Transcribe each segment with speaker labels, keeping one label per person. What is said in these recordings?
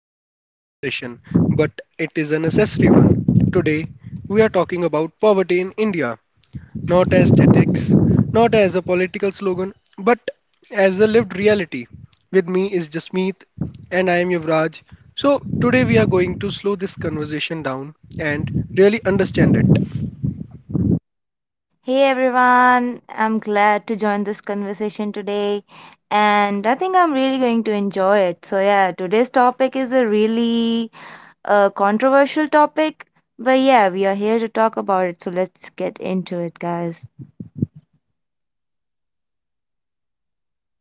Speaker 1: Comfortable conversation, but it is a necessary one. Today, we are talking about poverty in India, not as statics, not as a political slogan, but as a lived reality. With me is Jasmeet, and I am Yuvraj. So, today we are going to slow this conversation down and really understand it.
Speaker 2: Hey everyone, I'm glad to join this conversation today and I think I'm really going to enjoy it. So, yeah, today's topic is a really controversial topic, but yeah, we are here to talk about it. So, let's get into it, guys.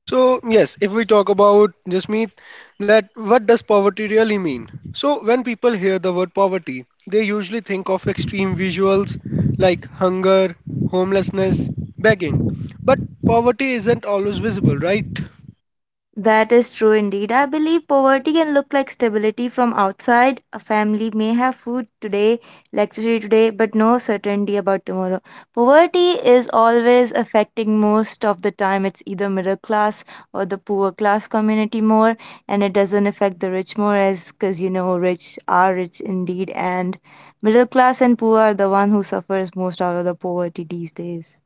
Speaker 1: So, yes, if we talk about Jasmeet, that what does poverty really mean? So, when people hear the word poverty, they usually think of extreme visuals like hunger, homelessness, begging. But poverty isn't always visible, right?
Speaker 2: That is true indeed. I believe poverty can look like stability from outside. A family may have food today, luxury today, but no certainty about tomorrow. Poverty is always affecting most of the time. It's either middle class or the poor class community more, and it doesn't affect the rich more as because you know rich are rich indeed, and middle class and poor are the one who suffers most out of the poverty these days.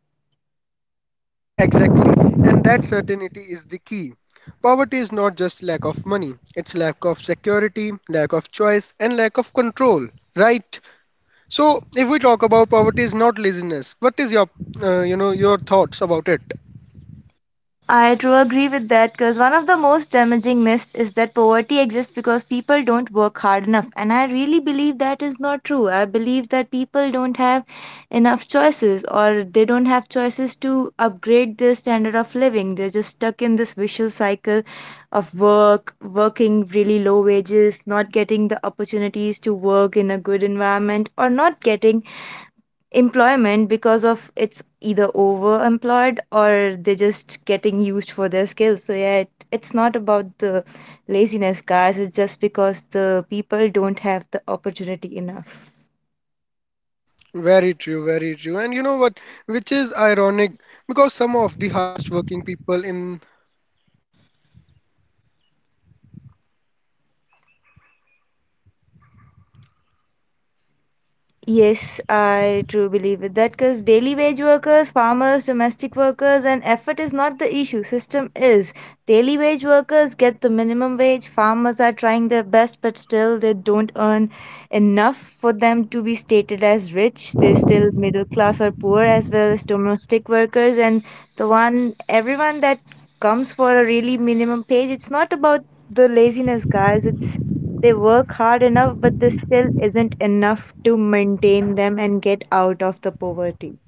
Speaker 1: Exactly, and that certainty is the key. Poverty is not just lack of money, it's lack of security, lack of choice, and lack of control, right? So, if we talk about poverty is not laziness, what is your, you know, your thoughts about it?
Speaker 2: I do agree with that because one of the most damaging myths is that poverty exists because people don't work hard enough. And I really believe that is not true. I believe that people don't have enough choices or they don't have choices to upgrade their standard of living. They're just stuck in this vicious cycle of work, working really low wages, not getting the opportunities to work in a good environment, or not getting employment because of it's either overemployed or they're just getting used for their skills. So yeah, it's not about the laziness, guys. It's just because the people don't have the opportunity enough.
Speaker 1: Very true, very true. And you know what, which is ironic because some.
Speaker 2: Yes, I do believe it. That because daily wage workers, farmers, domestic workers, and effort is not the issue. System is. Daily wage workers get the minimum wage. Farmers are trying their best, but still they don't earn enough for them to be stated as rich. They're still middle class or poor, as well as domestic workers. And the one, everyone that comes for a really minimum page, it's not about the laziness, guys. It's they work hard enough, but this still isn't enough to maintain them and get out of the poverty.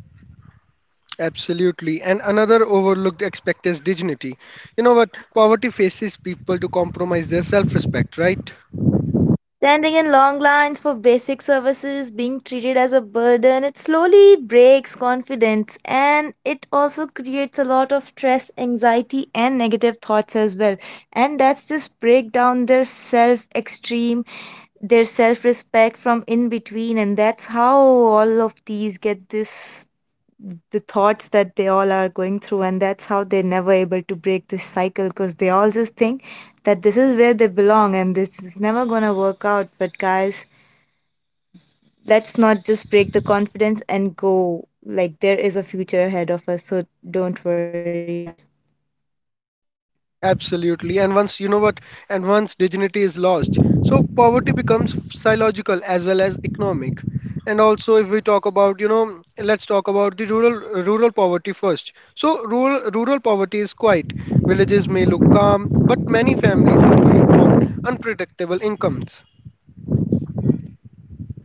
Speaker 1: Absolutely. And another overlooked aspect is dignity. You know what? Poverty faces people to compromise their self respect, right?
Speaker 2: Standing in long lines for basic services, being treated as a burden, it slowly breaks confidence and it also creates a lot of stress, anxiety, and negative thoughts as well. And that's just break down their self extreme, their self respect from in between, and that's how all of these get this the thoughts that they all are going through, and that's how they're never able to break this cycle because they all just think that this is where they belong and this is never going to work out. But guys, let's not just break the confidence and go like there is a future ahead of us, so don't worry, guys.
Speaker 1: Absolutely. And once, you know what? And once dignity is lost, so poverty becomes psychological as well as economic. And also, if we talk about, you know, let's talk about the rural poverty first. So, rural poverty is quiet. Villages may look calm, but many families survive on unpredictable incomes.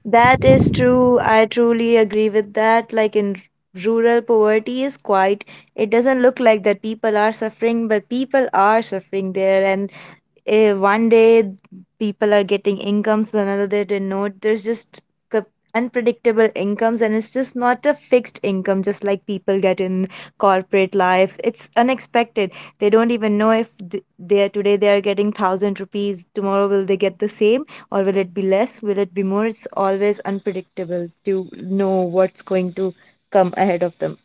Speaker 2: That is true. I truly agree with that. Like in rural poverty is quite, it doesn't look like that people are suffering, but people are suffering there. And one day people are getting incomes, another they didn't know. There's just c- unpredictable incomes, and it's just not a fixed income, just like people get in corporate life. It's unexpected. They don't even know if they are today they are getting thousand rupees, tomorrow will they get the same? Or will it be less? Will it be more? It's always unpredictable to know what's going to come ahead of them.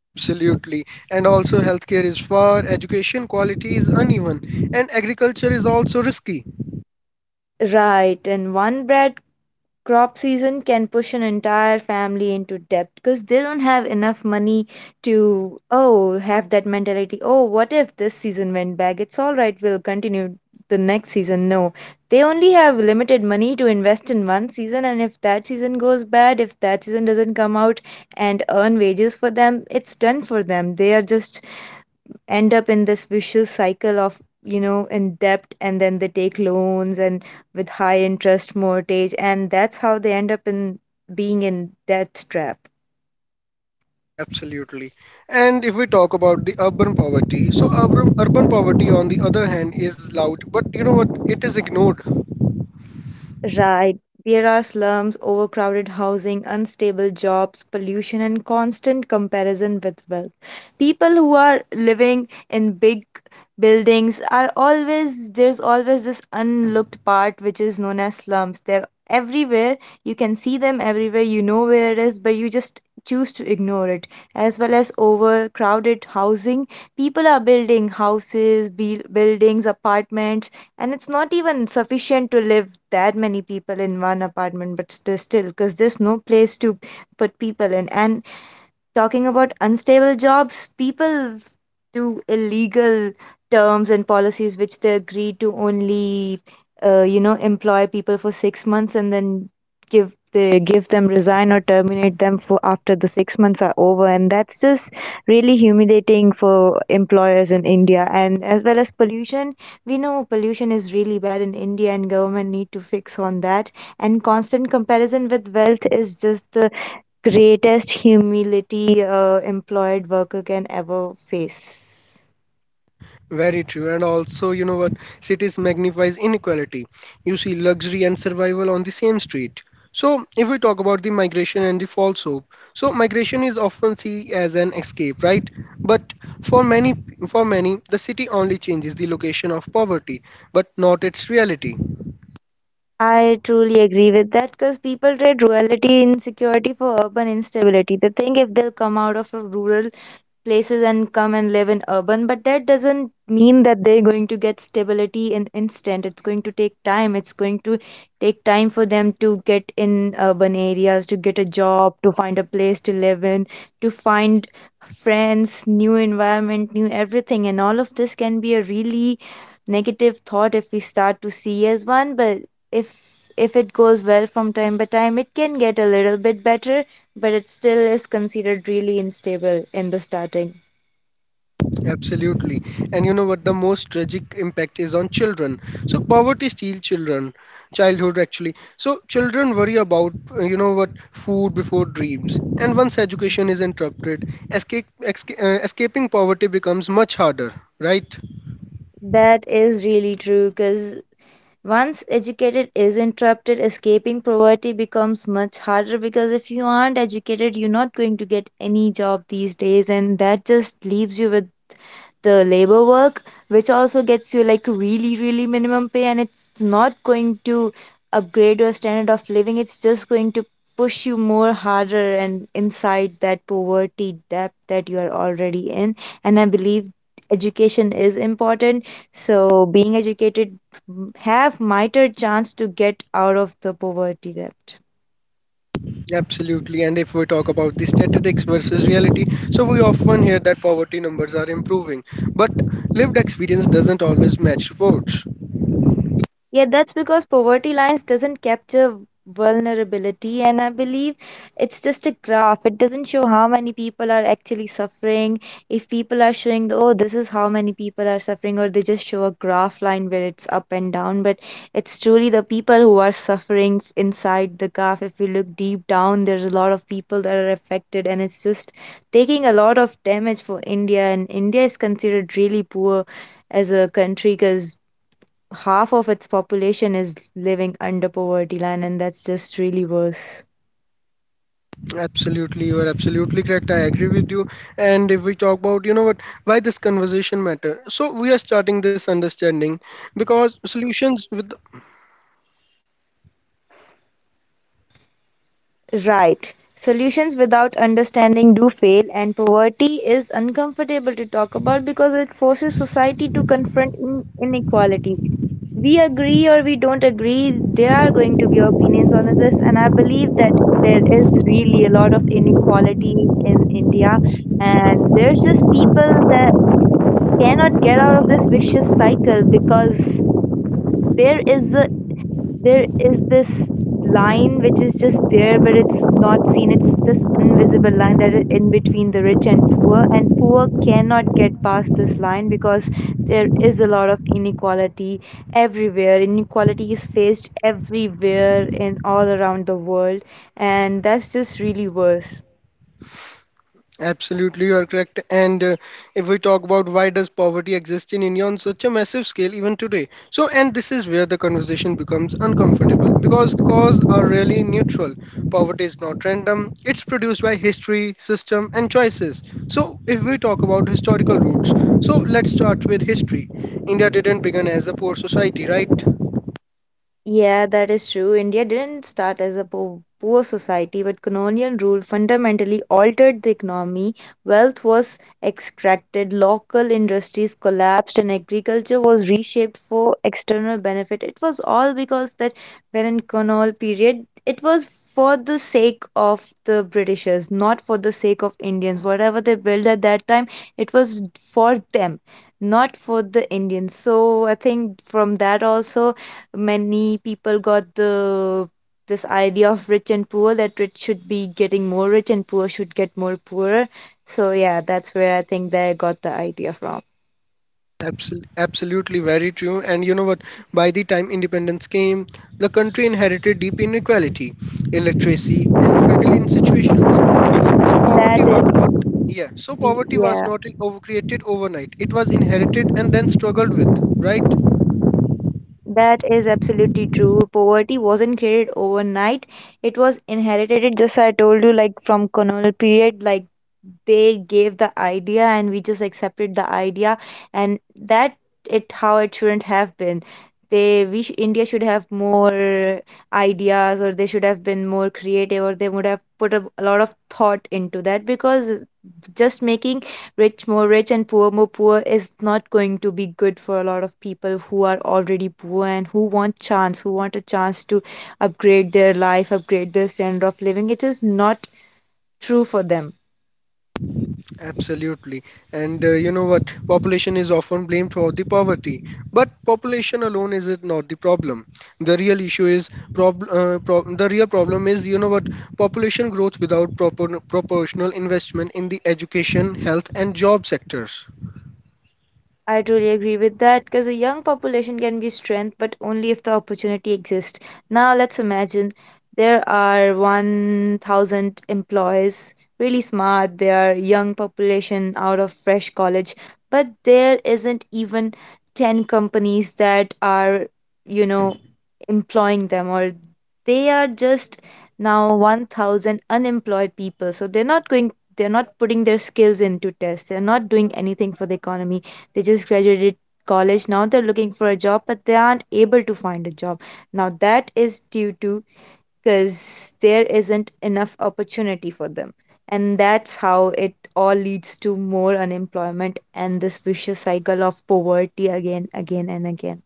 Speaker 1: Absolutely. And also, healthcare is far, education quality is uneven, and agriculture is also risky.
Speaker 2: Right, and one bread crop season can push an entire family into debt because they don't have enough money to oh have that mentality, oh what if this season went back, it's all right, we'll continue the next season. No, they only have limited money to invest in one season, and if that season goes bad, if that season doesn't come out and earn wages for them, it's done for them. They are just end up in this vicious cycle of you know in debt, and then they take loans and with high interest mortgage, and that's how they end up in being in death trap.
Speaker 1: Absolutely. And if we talk about the urban poverty, so urban poverty, on the other hand, is loud, but you know what? It is ignored.
Speaker 2: Right. There are slums, overcrowded housing, unstable jobs, pollution, and constant comparison with wealth. People who are living in big buildings are always, there's always this unlooked part which is known as slums. They're everywhere. You can see them everywhere. You know where it is, but you just choose to ignore it. As well as overcrowded housing, people are building houses, buildings, apartments, and it's not even sufficient to live that many people in one apartment, but still because there's no place to put people in. And talking about unstable jobs, people do illegal terms and policies which they agree to only, employ people for 6 months, and then give they give them resign or terminate them for after the 6 months are over, and that's just really humiliating for employers in India. And as well as pollution, we know pollution is really bad in India and government need to fix on that. And constant comparison with wealth is just the greatest humility a employed worker can ever face.
Speaker 1: Very true. And also, you know what? Cities magnifies inequality. You see luxury and survival on the same street. So, if we talk about the migration and the false hope, so migration is often seen as an escape, right? But for many, for many, the city only changes the location of poverty, but not its reality.
Speaker 2: I truly agree with that because people trade rural insecurity for urban instability. They think if they'll come out of a rural places and come and live in urban, but that doesn't mean that they're going to get stability in instant. It's going to take time, it's going to take time for them to get in urban areas, to get a job, to find a place to live in, to find friends, new environment, new everything. And all of this can be a really negative thought if we start to see as one, but if if it goes well from time by time it can get a little bit better, but it still is considered really unstable in the starting.
Speaker 1: Absolutely. And you know what the most tragic impact is on children. So poverty steals children, childhood actually. So children worry about, you know what, food before dreams. And once education is interrupted, escaping poverty becomes much harder, right?
Speaker 2: That is really true because once educated is interrupted, escaping poverty becomes much harder, because if you aren't educated, you're not going to get any job these days, and that just leaves you with the labor work, which also gets you like really really minimum pay, and it's not going to upgrade your standard of living. It's just going to push you more harder and inside that poverty depth that you are already in. And I believe education is important, so being educated have mightier chance to get out of the poverty depth.
Speaker 1: Absolutely. And if we talk about the statistics versus reality, so we often hear that poverty numbers are improving, but lived experience doesn't always match reports.
Speaker 2: Yeah, that's because poverty lines doesn't capture vulnerability, and I believe it's just a graph. It doesn't show how many people are actually suffering. If people are showing, oh, this is how many people are suffering, or they just show a graph line where it's up and down, but it's truly the people who are suffering inside the graph. If you look deep down, there's a lot of people that are affected, and it's just taking a lot of damage for India, and India is considered really poor as a country because half of its population is living under poverty line, and that's just really worse.
Speaker 1: Absolutely, you are absolutely correct. I agree with you. And if we talk about, you know what, why this conversation matter? So we are starting this understanding.
Speaker 2: Right, solutions without understanding do fail, and poverty is uncomfortable to talk about because it forces society to confront inequality. We agree or we don't agree, there are going to be opinions on this, and I believe that there is really a lot of inequality in India, and there's just people that cannot get out of this vicious cycle because there is the There is this line which is just there, but it's not seen. It's this invisible line that is in between the rich and poor cannot get past this line because there is a lot of inequality everywhere. Inequality is faced everywhere and all around the world, and that's just really worse.
Speaker 1: Absolutely, you are correct. And if we talk about why does poverty exist in India on such a massive scale even today? So, and this is where the conversation becomes uncomfortable because cause are really neutral. Poverty is not random; it's produced by history, system, and choices. So, if we talk about historical roots, so let's start with history. India didn't begin as a poor society, right?
Speaker 2: Yeah, that is true. India didn't start as a poor society, but colonial rule fundamentally altered the economy. Wealth was extracted, local industries collapsed, and agriculture was reshaped for external benefit. It was all because that colonial period, it was for the sake of the Britishers, not for the sake of Indians. Whatever they built at that time, it was for them, not for the Indians. So I think from that also many people got the this idea of rich and poor, that rich should be getting more rich and poor should get more poorer. So yeah, that's where I think they got the idea from.
Speaker 1: Absolutely very true. And you know what? By the time independence came, the country inherited deep inequality, illiteracy, and struggling situations. So, so poverty
Speaker 2: That
Speaker 1: was
Speaker 2: is
Speaker 1: not yeah. So poverty was
Speaker 2: Yeah.
Speaker 1: not overcreated overnight. It was inherited and then struggled with, right?
Speaker 2: That is absolutely true. Poverty wasn't created overnight. It was inherited just I told you like from colonial period, like they gave the idea and we just accepted the idea, and that it how it shouldn't have been. India should have more ideas, or they should have been more creative, or they would have put a lot of thought into that, because just making rich more rich and poor more poor is not going to be good for a lot of people who are already poor and who want a chance to upgrade their life, upgrade their standard of living. It is not true for them.
Speaker 1: Absolutely. And you know what? Population is often blamed for the poverty. But population alone is it not the problem. The real issue is prob pro the real problem is you know what? Population growth without proper proportional investment in the education, health and job sectors.
Speaker 2: I truly agree with that because a young population can be strength, but only if the opportunity exists. Now, let's imagine there are 1,000 employees, really smart. They are young population out of fresh college, but there isn't even 10 companies that are, you know, employing them, or they are just now 1,000 unemployed people. So they're not going, they're not putting their skills into test, they're not doing anything for the economy. They just graduated college. Now they're looking for a job, but they aren't able to find a job. Now that is due to, because there isn't enough opportunity for them. And that's how it all leads to more unemployment and this vicious cycle of poverty again, again, and again.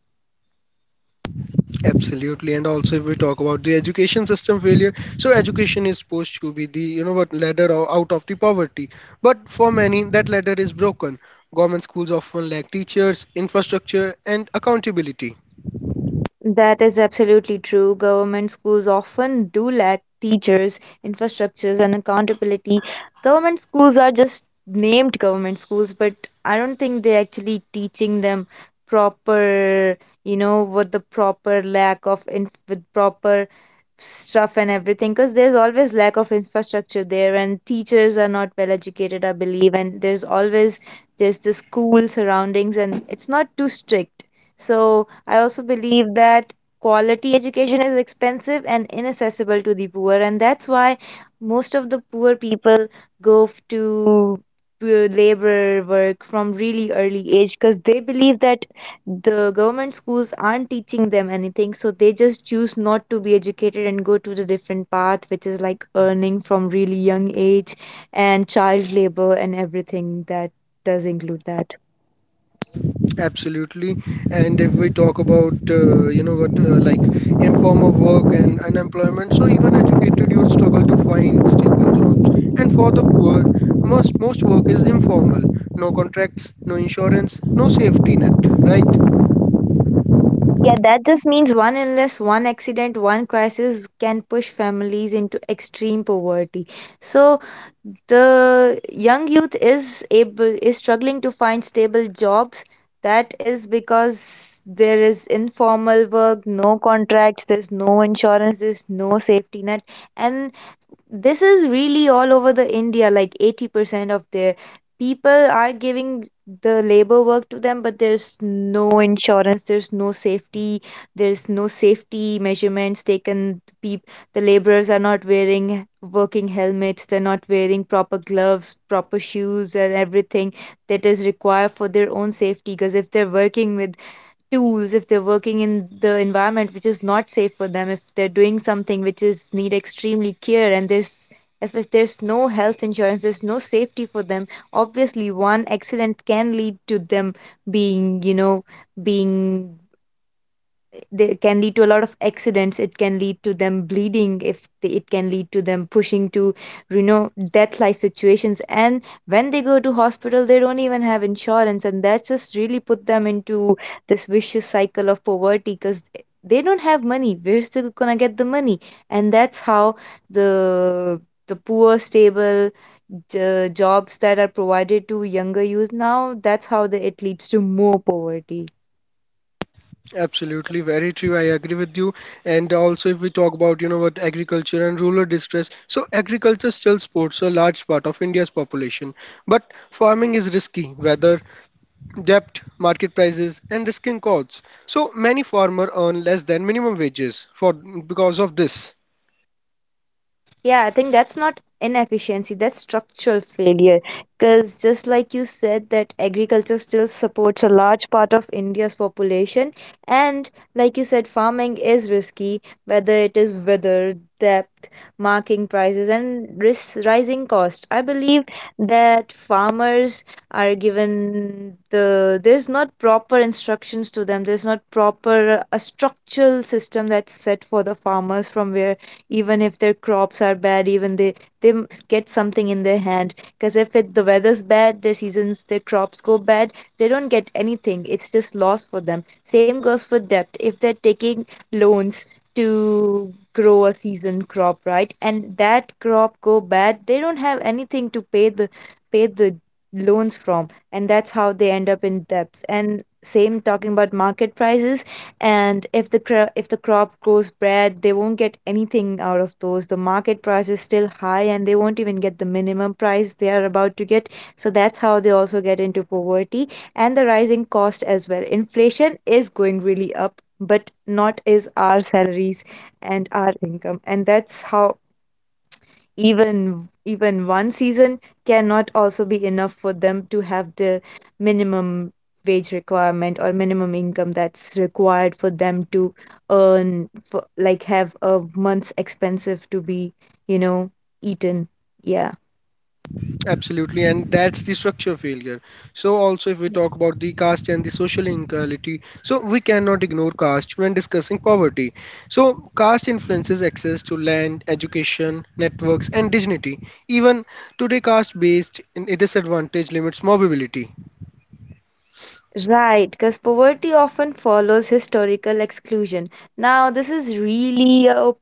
Speaker 1: Absolutely, and also if we talk about the education system failure, so education is supposed to be the you know what out of the poverty, but for many that ladder is broken. Government schools often lack teachers, infrastructure, and accountability.
Speaker 2: That is absolutely true. Government schools often do lack teachers, infrastructures, and accountability. Government schools are just named government schools, but I don't think they're actually teaching them proper, you know, what the proper lack of with proper stuff and everything, because there's always lack of infrastructure there and teachers are not well educated, I believe, and there's always, there's the school surroundings and it's not too strict. So I also believe that quality education is expensive and inaccessible to the poor, and that's why most of the poor people to labor work from really early age, because they believe that the government schools aren't teaching them anything, so they just choose not to be educated and go to the different path, which is like earning from really young age, and child labor and everything that does include that.
Speaker 1: Absolutely, and if we talk about you know what like informal work and unemployment, so even educated youth struggle to find stable jobs. And for the poor, most work is informal. No contracts, no insurance, no safety net, right?
Speaker 2: Yeah, that just means one illness, one accident, one crisis can push families into extreme poverty. So the young youth is struggling to find stable jobs. That is because there is informal work, no contracts, there's no insurance, there's no safety net, and this is really all over the India, like 80% of their people are giving the labor work to them, but there's no insurance, there's no safety measurements taken. The laborers are not wearing working helmets, they're not wearing proper gloves, proper shoes, and everything that is required for their own safety. Because if they're working with tools, if they're working in the environment which is not safe for them, if they're doing something which is need extremely care, and there's, if there's no health insurance, there's no safety for them. Obviously one accident can lead to them being, you know, being, they can lead to a lot of accidents, it can lead to them bleeding if they, it can lead to them pushing to, you know, death life situations, and when they go to hospital they don't even have insurance, and that just really put them into this vicious cycle of poverty, because they don't have money we're still gonna get the money. And that's how the the poor stable jobs that are provided to younger youth, now that's how the, it leads to more poverty.
Speaker 1: Absolutely, very true. I agree with you. And also, if we talk about, you know, what agriculture and rural distress, so agriculture still supports a large part of India's population. But farming is risky, weather, debt, market prices, and risking costs. So many farmers earn less than minimum wages for because of this.
Speaker 2: Yeah, I think that's not inefficiency, that's structural failure. Because just like you said, that agriculture still supports a large part of India's population. And like you said, farming is risky, whether it is weather, depth, marking prices, and risk rising costs. I believe that farmers are given the, there's not proper instructions to them. There's not proper a structural system that's set for the farmers, from where even if their crops are bad, even they, get something in their hand, because if it, the weather's bad, their seasons, their crops go bad, they don't get anything, it's just loss for them. Same goes for debt, if they're taking loans to grow a season crop, right, and that crop go bad, they don't have anything to pay the, pay the loans from, and that's how they end up in debts. And same talking about market prices, and if the if the crop grows bad, they won't get anything out of those, the market price is still high, and they won't even get the minimum price they are about to get. So that's how they also get into poverty. And the rising cost as well, inflation is going really up, but not is our salaries and our income. And that's how even one season cannot also be enough for them to have the minimum wage requirement or minimum income that's required for them to earn for, like, have a month's expensive to be, you know, eaten, yeah.
Speaker 1: Absolutely, and that's the structure failure. So, also, if we talk about the caste and the social inequality, so we cannot ignore caste when discussing poverty. So, caste influences access to land, education, networks, and dignity. Even today, caste based disadvantage limits mobility.
Speaker 2: Right, because poverty often follows historical exclusion. Now, this is really a,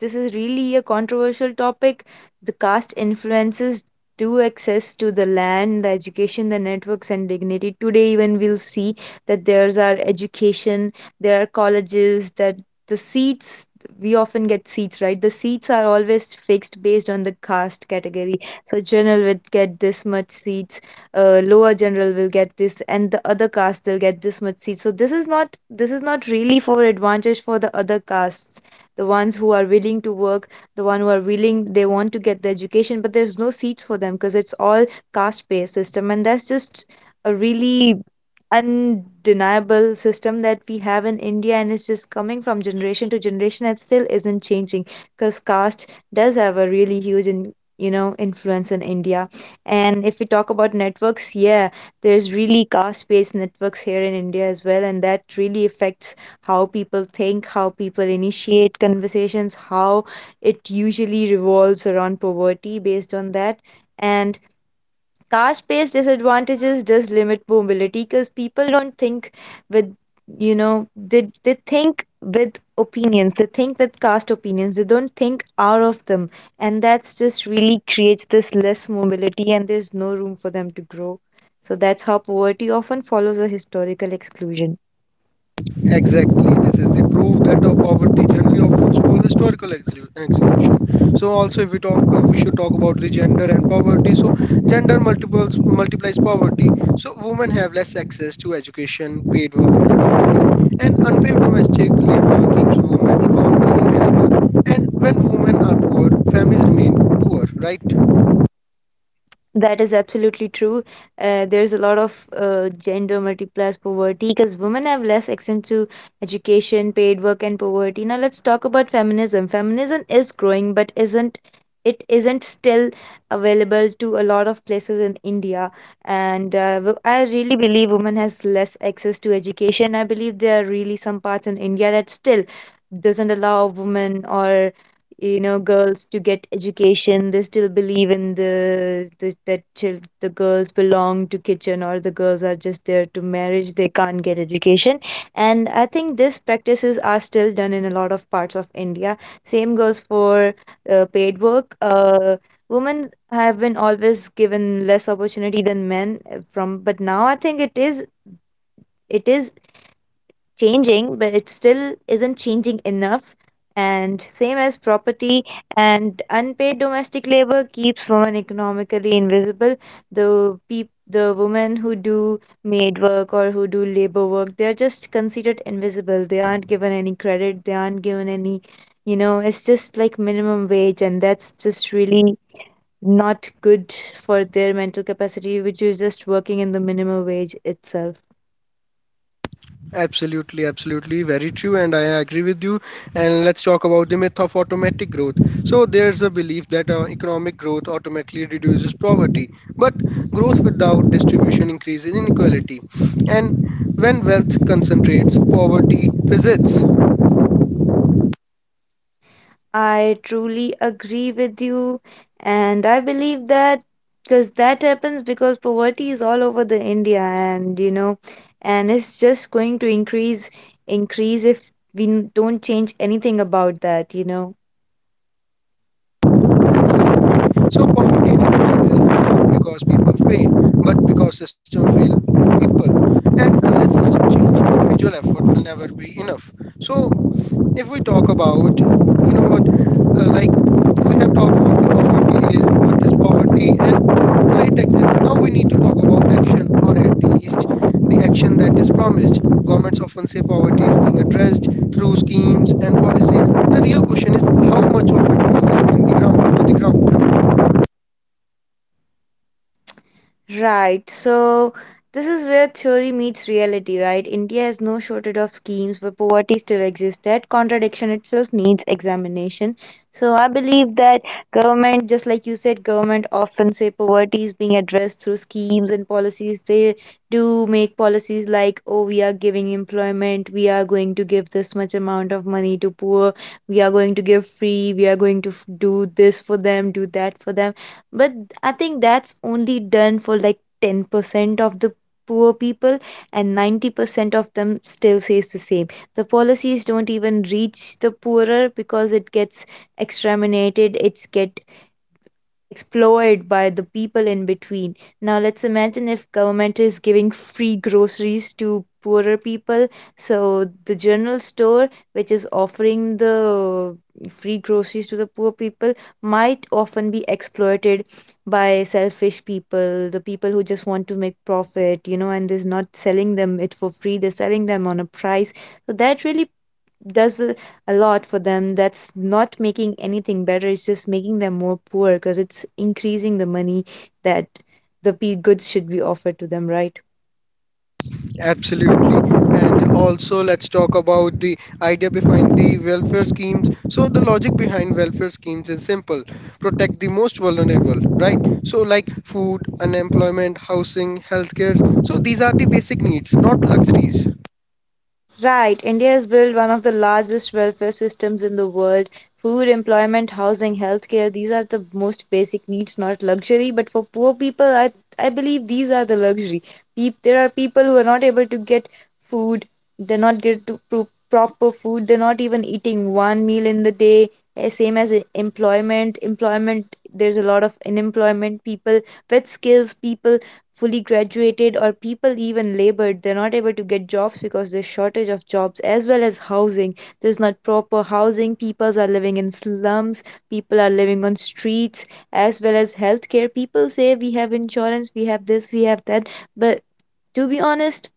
Speaker 2: this is really a controversial topic. The caste influences do access to the land, the education, the networks, and dignity. Today, even we'll see that there's our education, there are colleges, that the seats, we often get seats, right? The seats are always fixed based on the caste category. So, general would get this much seats, lower general will get this, and the other caste will get this much seat. So this is not, this is not really for advantage for the other castes, the ones who are willing to work, the one who are willing, they want to get the education, but there's no seats for them, because it's all caste based system. And that's just a really undeniable system that we have in India, and it's just coming from generation to generation and still isn't changing, because caste does have a really huge in, you know, influence in India. And if we talk about networks, yeah, there's really caste-based networks here in India as well, and that really affects how people think, how people initiate conversations, how it usually revolves around poverty based on that. And caste-based disadvantages does limit mobility, because people don't think with, you know, they think with opinions, they think with caste opinions, they don't think out of them. And that's just really creates this less mobility, and there's no room for them to grow. So that's how poverty often follows a historical exclusion.
Speaker 1: Exactly, this is the proof that our poverty generally offers for historical explanation. So also, if we talk, we should talk about the gender and poverty. So gender multiples multiplies poverty. So women have less access to education, paid work, and opportunity, and unpaid domestic labor keeps women economy invisible. And when women are poor, families remain poor, right?
Speaker 2: That is absolutely true. There's a lot of gender multiplies poverty, because women have less access to education, paid work, and poverty. Now let's talk about feminism. Feminism is growing, but isn't, it isn't still available to a lot of places in India. And I really believe women has less access to education. I believe there are really some parts in India that still doesn't allow women or, you know, girls to get education. They still believe in the that the girls belong to kitchen, or the girls are just there to marriage, they can't get education. And I think these practices are still done in a lot of parts of India. Same goes for paid work. Women have been always given less opportunity than men, from, but now I think it is changing, but it still isn't changing enough. And same as property, and unpaid domestic labor keeps women economically invisible. The women who do maid work or who do labor work, they're just considered invisible. They aren't given any credit. They aren't given any, you know, it's just like minimum wage, and that's just really not good for their mental capacity, which is just working in the minimum wage itself.
Speaker 1: Absolutely, absolutely, very true, and I agree with you. And let's talk about the myth of automatic growth. So, there's a belief that economic growth automatically reduces poverty, but growth without distribution increases inequality. And when wealth concentrates, poverty persists.
Speaker 2: I truly agree with you, and I believe that, because that happens because poverty is all over the India, and you know, and it's just going to increase if we don't change anything about that, you know.
Speaker 1: Absolutely. So, poverty in India exists not because people fail, but because system fail people. And unless system change, individual effort will never be enough. So, if we talk about, you know what, like we have talked about the poverty is what is poverty and why it exists. Now we need to talk about action, or at least the action that is promised. Governments often say poverty is being addressed through schemes and policies. The real question is how much of it works in the ground, on the ground.
Speaker 2: Right. So this is where theory meets reality, right? India has no shortage of schemes, but poverty still exists. That contradiction itself needs examination. So I believe that government, just like you said, government often say poverty is being addressed through schemes and policies. They do make policies like, oh, we are giving employment, we are going to give this much amount of money to poor, we are going to give free, we are going to do this for them, do that for them. But I think that's only done for like 10% of the poor people, and 90% of them still says the same. The policies don't even reach the poorer, because it gets exterminated, it's get explored by the people in between. Now let's imagine if government is giving free groceries to poorer people. So the general store which is offering the free groceries to the poor people might often be exploited by selfish people, the people who just want to make profit, you know, and they're not selling them it for free, they're selling them on a price. So that really does a lot for them, that's not making anything better, it's just making them more poor, because it's increasing the money that the p goods should be offered to them, right?
Speaker 1: Absolutely. And also, let's talk about the idea behind the welfare schemes. So, the logic behind welfare schemes is simple protect the most vulnerable, right? So, like food, unemployment, housing, healthcare. So, these are the basic needs, not luxuries.
Speaker 2: Right, India has built one of the largest welfare systems in the world. Food, employment, housing, healthcare, these are the most basic needs, not luxury. But for poor people, I believe these are the luxury. Peop There are people who are not able to get food. They're not get to proper food. They're not even eating one meal in the day. Same as employment. Employment, there's a lot of unemployment people with skills, people fully graduated or people even labored, they're not able to get jobs because there's shortage of jobs, as well as housing. There's not proper housing, people are living in slums, people are living on streets. As well as healthcare, people say we have insurance, we have this, we have that, but to be honest,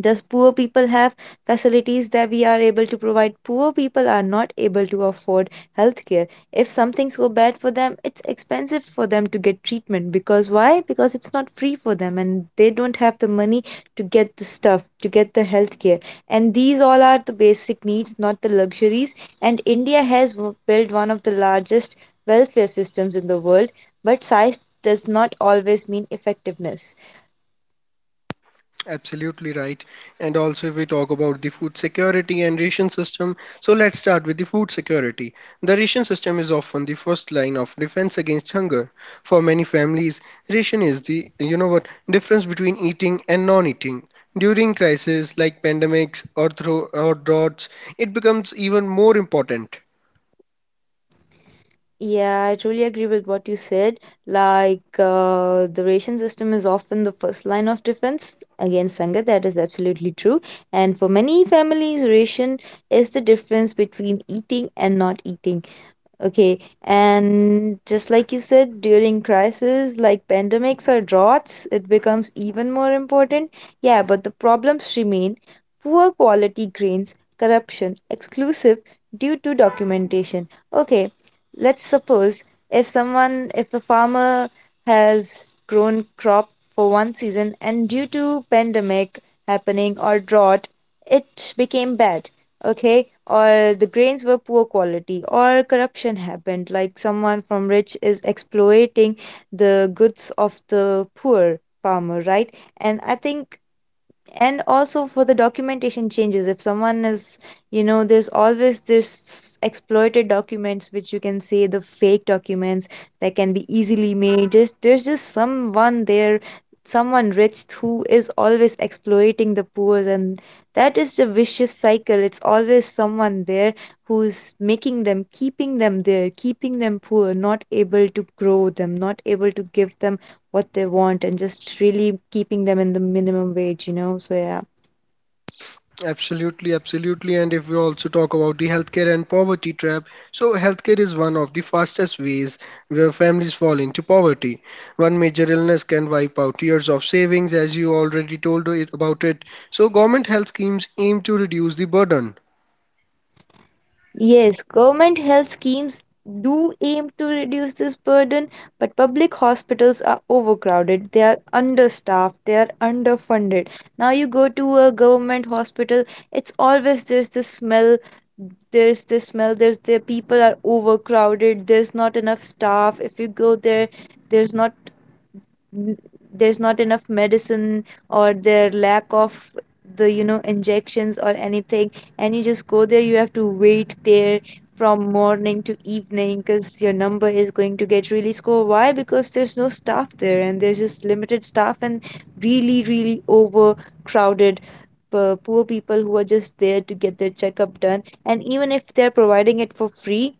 Speaker 2: does poor people have facilities that we are able to provide? Poor people are not able to afford healthcare. If something's go bad for them, it's expensive for them to get treatment. Because why? Because it's not free for them and they don't have the money to get the stuff, to get the healthcare. And these all are the basic needs, not the luxuries. And India has built one of the largest welfare systems in the world, but size does not always mean effectiveness.
Speaker 1: Absolutely right. And also, if we talk about the food security and ration system, so let's start with the food security. The ration system is often the first line of defense against hunger. For many families, ration is the, you know what, difference between eating and non-eating. During crises like pandemics or through or droughts, it becomes even more important.
Speaker 2: Yeah, I truly agree with what you said. Like, the ration system is often the first line of defense against hunger. That is absolutely true. And for many families, ration is the difference between eating and not eating. Okay, and just like you said, during crises like pandemics or droughts, it becomes even more important. Yeah, but the problems remain poor quality grains, corruption, exclusive due to documentation. Okay, let's suppose if someone, if a farmer has grown crop for one season and due to pandemic happening or drought, it became bad. Okay, or the grains were poor quality, or corruption happened, like someone from rich is exploiting the goods of the poor farmer, right? And I think, and also for the documentation changes, if someone is, you know, there's always this exploited documents, which you can say the fake documents that can be easily made. Just there's just someone there, someone rich who is always exploiting the poor, and that is the vicious cycle. It's always someone there who's making them, keeping them there, keeping them poor, not able to grow them, not able to give them what they want, and just really keeping them in the minimum wage, you know, so yeah.
Speaker 1: Absolutely, absolutely. And if we also talk about the healthcare and poverty trap, so healthcare is one of the fastest ways where families fall into poverty. One major illness can wipe out years of savings, as you already told it about it. So government health schemes aim to reduce the burden.
Speaker 2: Yes, government health schemes do aim to reduce this burden, but public hospitals are overcrowded, they are understaffed, they are underfunded. Now you go to a government hospital, it's always, there's this smell, there's this smell, there's the people are overcrowded, there's not enough staff. If you go there, there's not n- there's not enough medicine, or their lack of the, you know, injections or anything. And you just go there, you have to wait there from morning to evening because your number is going to get really score. Why? Because there's no staff there and there's just limited staff and really, really overcrowded. Poor people who are just there to get their checkup done, and even if they're providing it for free,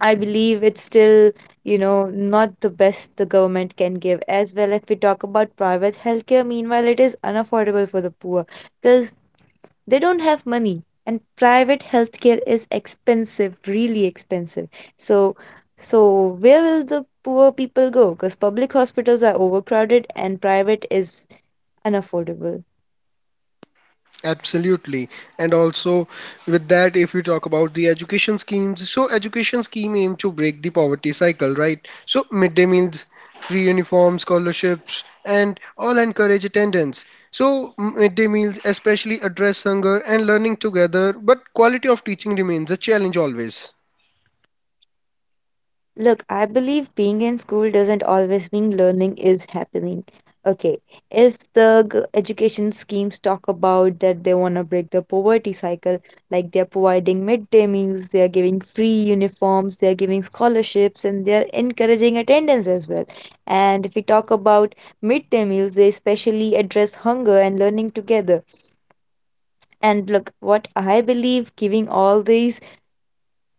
Speaker 2: I believe it's still, you know, not the best the government can give. As well, if we talk about private healthcare, meanwhile, it is unaffordable for the poor because they don't have money. And private healthcare is expensive, really expensive. So, so where will the poor people go? Because public hospitals are overcrowded and private is unaffordable.
Speaker 1: Absolutely. And also, with that, if we talk about the education schemes, so education scheme aim to break the poverty cycle, right? So midday meals, free uniforms, scholarships, and all encourage attendance. So midday meals especially address hunger and learning together, but quality of teaching remains a challenge always.
Speaker 2: Look, I believe being in school doesn't always mean learning is happening. Okay, if the education schemes talk about that they want to break the poverty cycle, like they're providing midday meals, they're giving free uniforms, they're giving scholarships, and they're encouraging attendance as well. And if we talk about midday meals, they especially address hunger and learning together. And look, what I believe giving all these,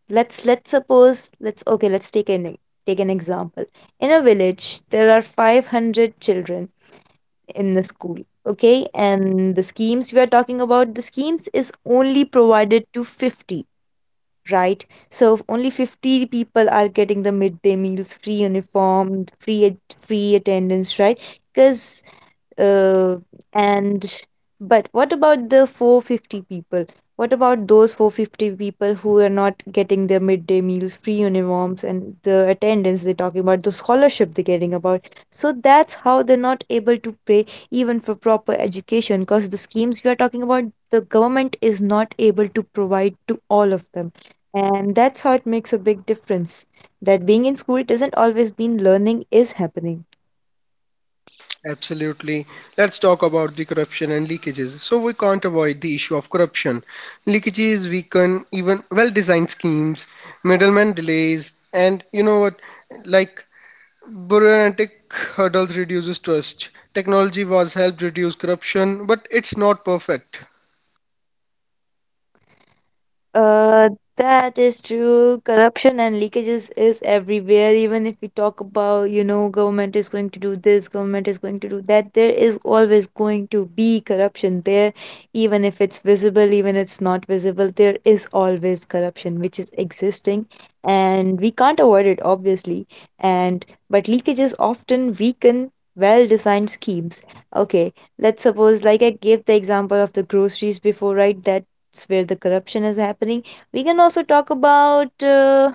Speaker 2: let's suppose let's okay let's take an e- take an example. In a village there are 500 children in the school. Okay, and the schemes we are talking about, the schemes is only provided to 50, right? So if only 50 people are getting the midday meals, free uniform, free attendance, right? Because uh, and but what about the 450 people? What about those 450 people who are not getting their midday meals, free uniforms, and the attendance they're talking about, the scholarship they're getting about? So that's how they're not able to pay even for proper education, because the schemes you are talking about, the government is not able to provide to all of them. And that's how it makes a big difference, that being in school doesn't always mean learning is happening.
Speaker 1: Absolutely. Let's talk about the corruption and leakages. So we can't avoid the issue of corruption. Leakages weaken even well-designed schemes, middleman delays, and you know what, like bureaucratic hurdles reduces trust. Technology was helped reduce corruption, but it's not perfect.
Speaker 2: Uh, that is true. Corruption and leakages is everywhere. Even if we talk about, you know, government is going to do this, government is going to do that, there is always going to be corruption there. Even if it's visible, even if it's not visible, there is always corruption which is existing, and we can't avoid it, obviously. And but leakages often weaken well-designed schemes. Okay, let's suppose, like I gave the example of the groceries before, right? That where the corruption is happening. We can also talk about,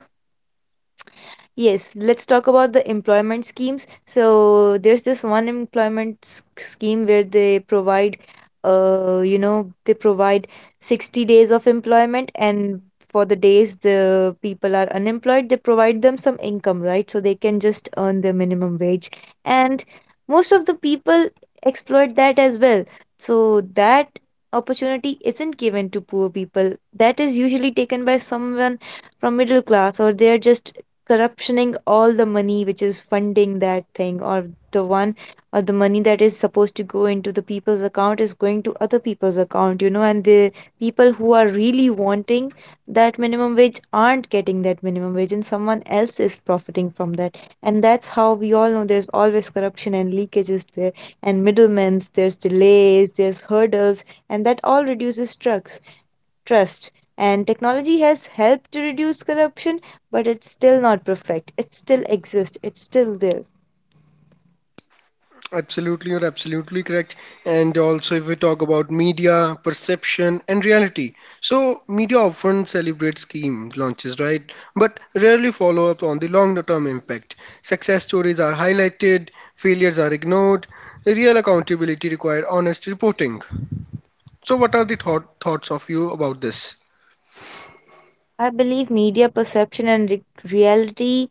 Speaker 2: yes, let's talk about the employment schemes. So there's this one scheme where they provide, you know, they provide 60 days of employment, and for the days the people are unemployed, they provide them some income, right? So they can just earn their minimum wage. And most of the people exploit that as well. So that opportunity isn't given to poor people. That is usually taken by someone from middle class, or they are just corruptioning all the money which is funding that thing, or the one, or the money that is supposed to go into the people's account is going to other people's account, you know. And the people who are really wanting that minimum wage aren't getting that minimum wage, and someone else is profiting from that. And that's how we all know there's always corruption and leakages there, and middlemen's, there's delays, there's hurdles, and that all reduces trucks trust. And technology has helped to reduce corruption, but it's still not perfect. It still exists, it's still there.
Speaker 1: Absolutely, you're absolutely correct. And also, if we talk about media, perception, and reality, so media often celebrates scheme launches, right? But rarely follow up on the long-term impact. Success stories are highlighted, failures are ignored. Real accountability requires honest reporting. So, what are the thoughts of you about this?
Speaker 2: I believe media perception and reality,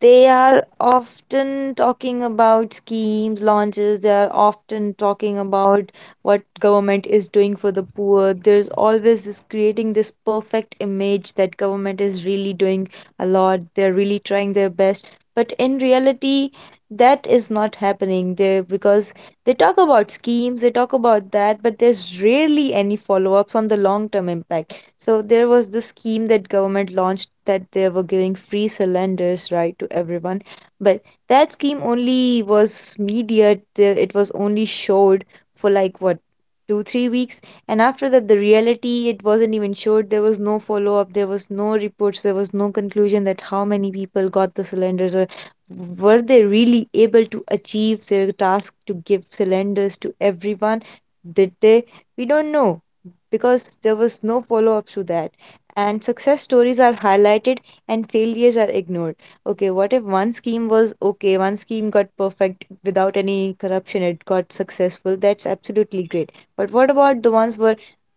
Speaker 2: they are often talking about schemes launches, they are often talking about what government is doing for the poor. There's always this creating this perfect image that government is really doing a lot, they're really trying their best, but in reality that is not happening there, because they talk about schemes, they talk about that, but there's rarely any follow-ups on the long-term impact. So there was the scheme that government launched, that they were giving free cylinders, right, to everyone, but that scheme only was media. It was only showed for like what, 2 3 weeks, and after that the reality, it wasn't even showed. There was no follow up. There was no reports. There was no conclusion that how many people got the cylinders, or were they really able to achieve their task to give cylinders to everyone. Did they? We don't know because there was no follow up to that. And success stories are highlighted and failures are ignored. Okay, what if one scheme was okay, one scheme got perfect without any corruption, it got successful? That's absolutely great. But what about the ones were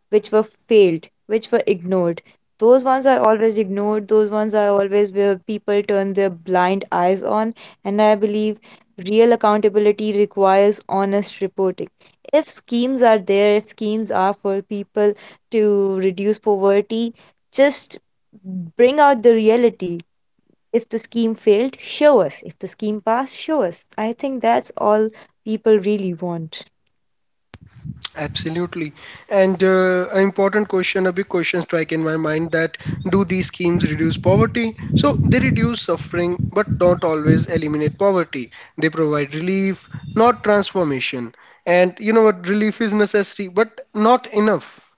Speaker 2: which were failed, which were ignored? Those ones are always ignored. Those ones are always where people turn their blind eyes on. And I believe real accountability requires honest reporting. If schemes are there, if schemes are for people to reduce poverty, just bring out the reality. If the scheme failed, show us. If the scheme passed, show us. I think that's all people really want.
Speaker 1: Absolutely. And an important question, a big question strike in my mind that do these schemes reduce poverty? So they reduce suffering, but not always eliminate poverty. They provide relief, not transformation. And you know what? Relief is necessary, but not enough.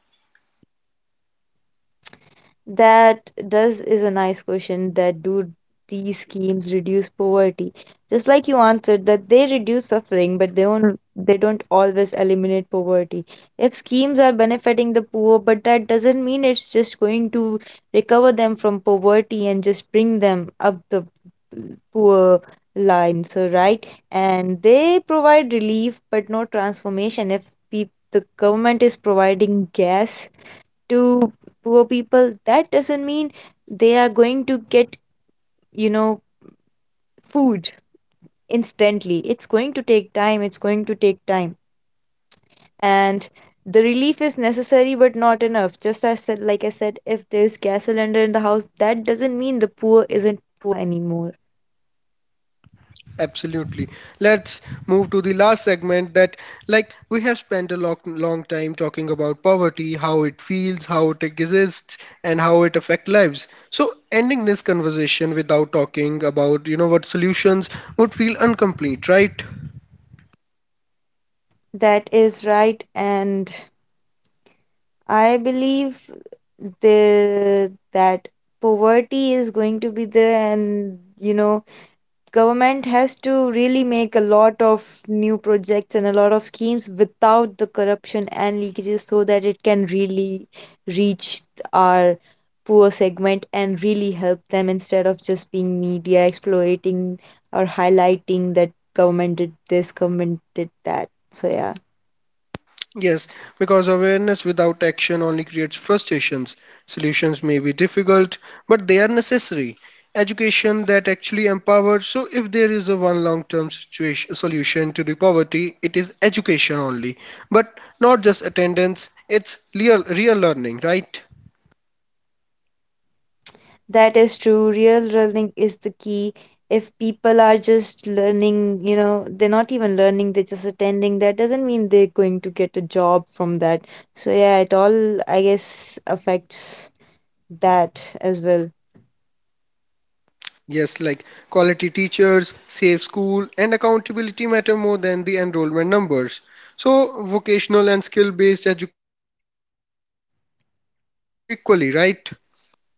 Speaker 2: That does is a nice question, that do these schemes reduce poverty? Just like you answered, that they reduce suffering, but they don't always eliminate poverty. If schemes are benefiting the poor, but that doesn't mean it's just going to recover them from poverty and just bring them up the poor line. So right, and they provide relief but no transformation. If peop the government is providing gas to poor people, that doesn't mean they are going to get, you know, food instantly. It's going to take time, it's going to take time. And the relief is necessary but not enough. Just as said, like I said, if there's gas cylinder in the house, that doesn't mean the poor isn't poor anymore.
Speaker 1: Absolutely. Let's move to the last segment that, like, we have spent a long, long time talking about poverty, how it feels, how it exists, and how it affects lives. So, ending this conversation without talking about, you know, what solutions would feel incomplete, right?
Speaker 2: That is right, and I believe the that poverty is going to be there, and you know, government has to really make a lot of new projects and a lot of schemes without the corruption and leakages, so that it can really reach our poor segment and really help them, instead of just being media exploiting or highlighting that government did this, government did that, so yeah.
Speaker 1: Yes, because awareness without action only creates frustrations. Solutions may be difficult, but they are necessary. Education that actually empowers. So, if there is a one long-term situation solution to the poverty, it is education only, but not just attendance. It's real learning, right?
Speaker 2: That is true. Real learning is the key. If people are just learning, you know, they're not even learning, they're just attending, that doesn't mean they're going to get a job from that. So yeah, it all, I guess, affects that as well.
Speaker 1: Yes, like quality teachers, safe school, and accountability matter more than the enrollment numbers. So, vocational and skill-based education must be valued equally, right?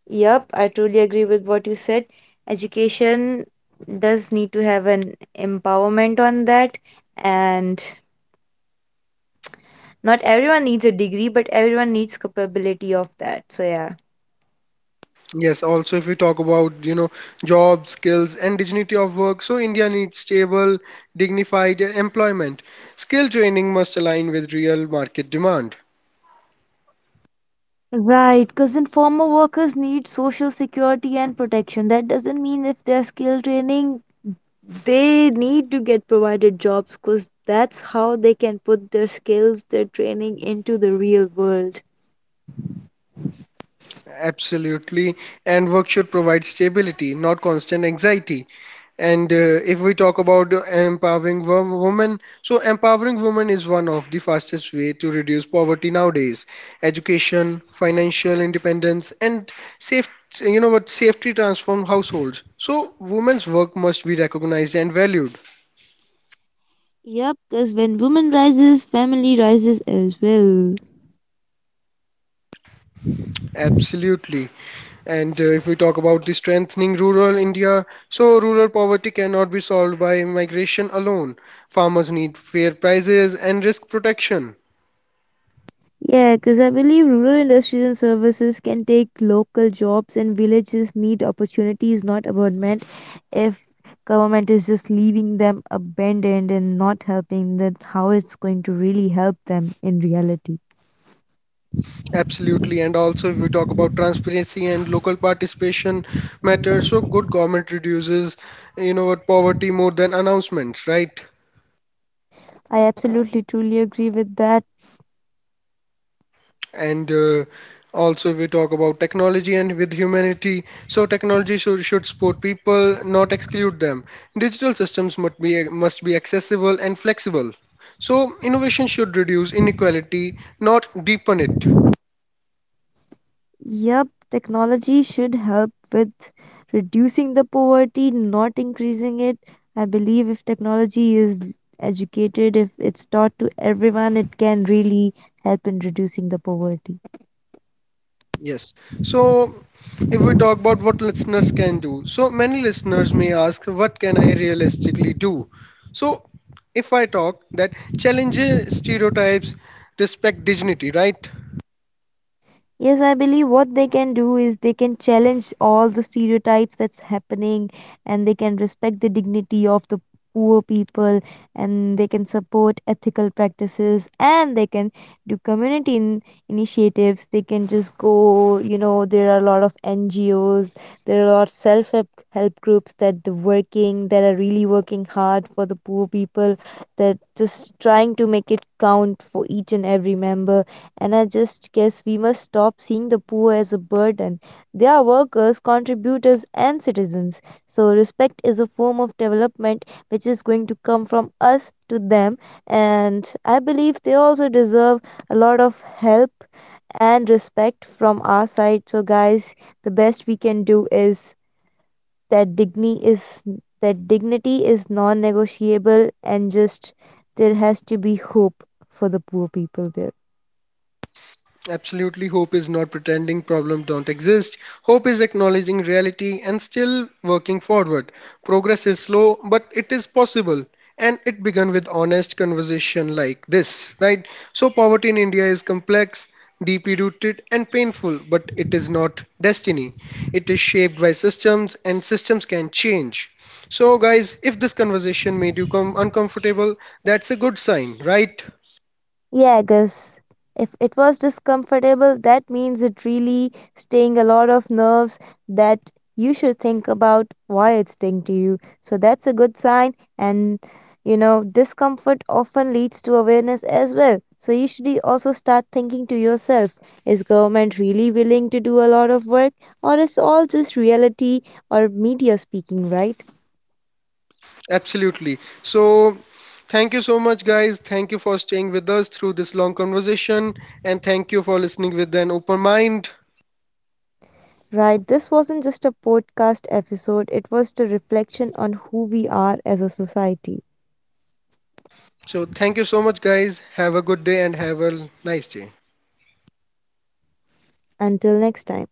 Speaker 2: Yep, I truly agree with what you said. Education does need to have an empowerment on that. And not everyone needs a degree, but everyone needs capability of that. So yeah.
Speaker 1: Yes, also if we talk about, you know, job, skills, and dignity of work, so India needs stable, dignified employment. Skill training must align with real market demand.
Speaker 2: Right, cause informal workers need social security and protection. That doesn't mean if they're skill training, they need to get provided jobs, because that's how they can put their skills, their training into the real world.
Speaker 1: Absolutely. And work should provide stability, not constant anxiety. And if we talk about empowering women, so empowering women is one of the fastest way to reduce poverty nowadays. Education, financial independence, and safe, you know what, safety transform households. So women's work must be recognized and valued.
Speaker 2: Yep, because when woman rises, family rises as well.
Speaker 1: Absolutely. And if we talk about the strengthening rural India, so rural poverty cannot be solved by migration alone. Farmers need fair prices and risk protection.
Speaker 2: Yeah, because I believe rural industries and services can take local jobs, and villages need opportunities, not abandonment. If government is just leaving them abandoned and not helping, then how it's going to really help them in reality?
Speaker 1: Absolutely. And also, if we talk about transparency and local participation matters, so good government reduces, you know, what, poverty more than announcements, right?
Speaker 2: I absolutely truly agree with that.
Speaker 1: And also we talk about technology and with humanity, so technology should support people not exclude them. Digital systems must be accessible and flexible, so innovation should reduce inequality not deepen it.
Speaker 2: Yep, technology should help with reducing the poverty, not increasing it. I believe if technology is educated, if it's taught to everyone, it can really help in reducing the poverty.
Speaker 1: Yes, so if we talk about what listeners can do, so many listeners may ask what can I realistically do? So if I talk that, challenges stereotypes, respect dignity, right?
Speaker 2: Yes, I believe what they can do is they can challenge all the stereotypes that's happening, and they can respect the dignity of the poor people, and they can support ethical practices, and they can do initiatives. They can just go, you know, there are a lot of NGOs, there are a lot of self help groups that the working that are really working hard for the poor people, that just trying to make it count for each and every member. And I just guess we must stop seeing the poor as a burden. They are workers, contributors, and citizens. So respect is a form of development which is going to come from us to them. And I believe they also deserve a lot of help and respect from our side. So guys, the best we can do is that dignity is that dignity is non-negotiable, and just there has to be hope for the poor people there.
Speaker 1: Absolutely, hope is not pretending problems don't exist. Hope is acknowledging reality and still working forward. Progress is slow, but it is possible. And it began with honest conversation like this, right? So, poverty in India is complex, deeply rooted, and painful, but it is not destiny. It is shaped by systems, and systems can change. So, guys, if this conversation made you come uncomfortable, that's a good sign, right?
Speaker 2: Yeah, I guess if it was discomfortable, that means it really staying a lot of nerves, that you should think about why it's sting to you. So that's a good sign. And you know, discomfort often leads to awareness as well. So you should also start thinking to yourself, is government really willing to do a lot of work, or is all just reality or media speaking, right?
Speaker 1: Absolutely. So, thank you so much, guys. Thank you for staying with us through this long conversation, and thank you for listening with an open mind.
Speaker 2: Right, this wasn't just a podcast episode, it was the reflection on who we are as a society.
Speaker 1: So, thank you so much, guys. Have a good day and have a nice day.
Speaker 2: Until next time.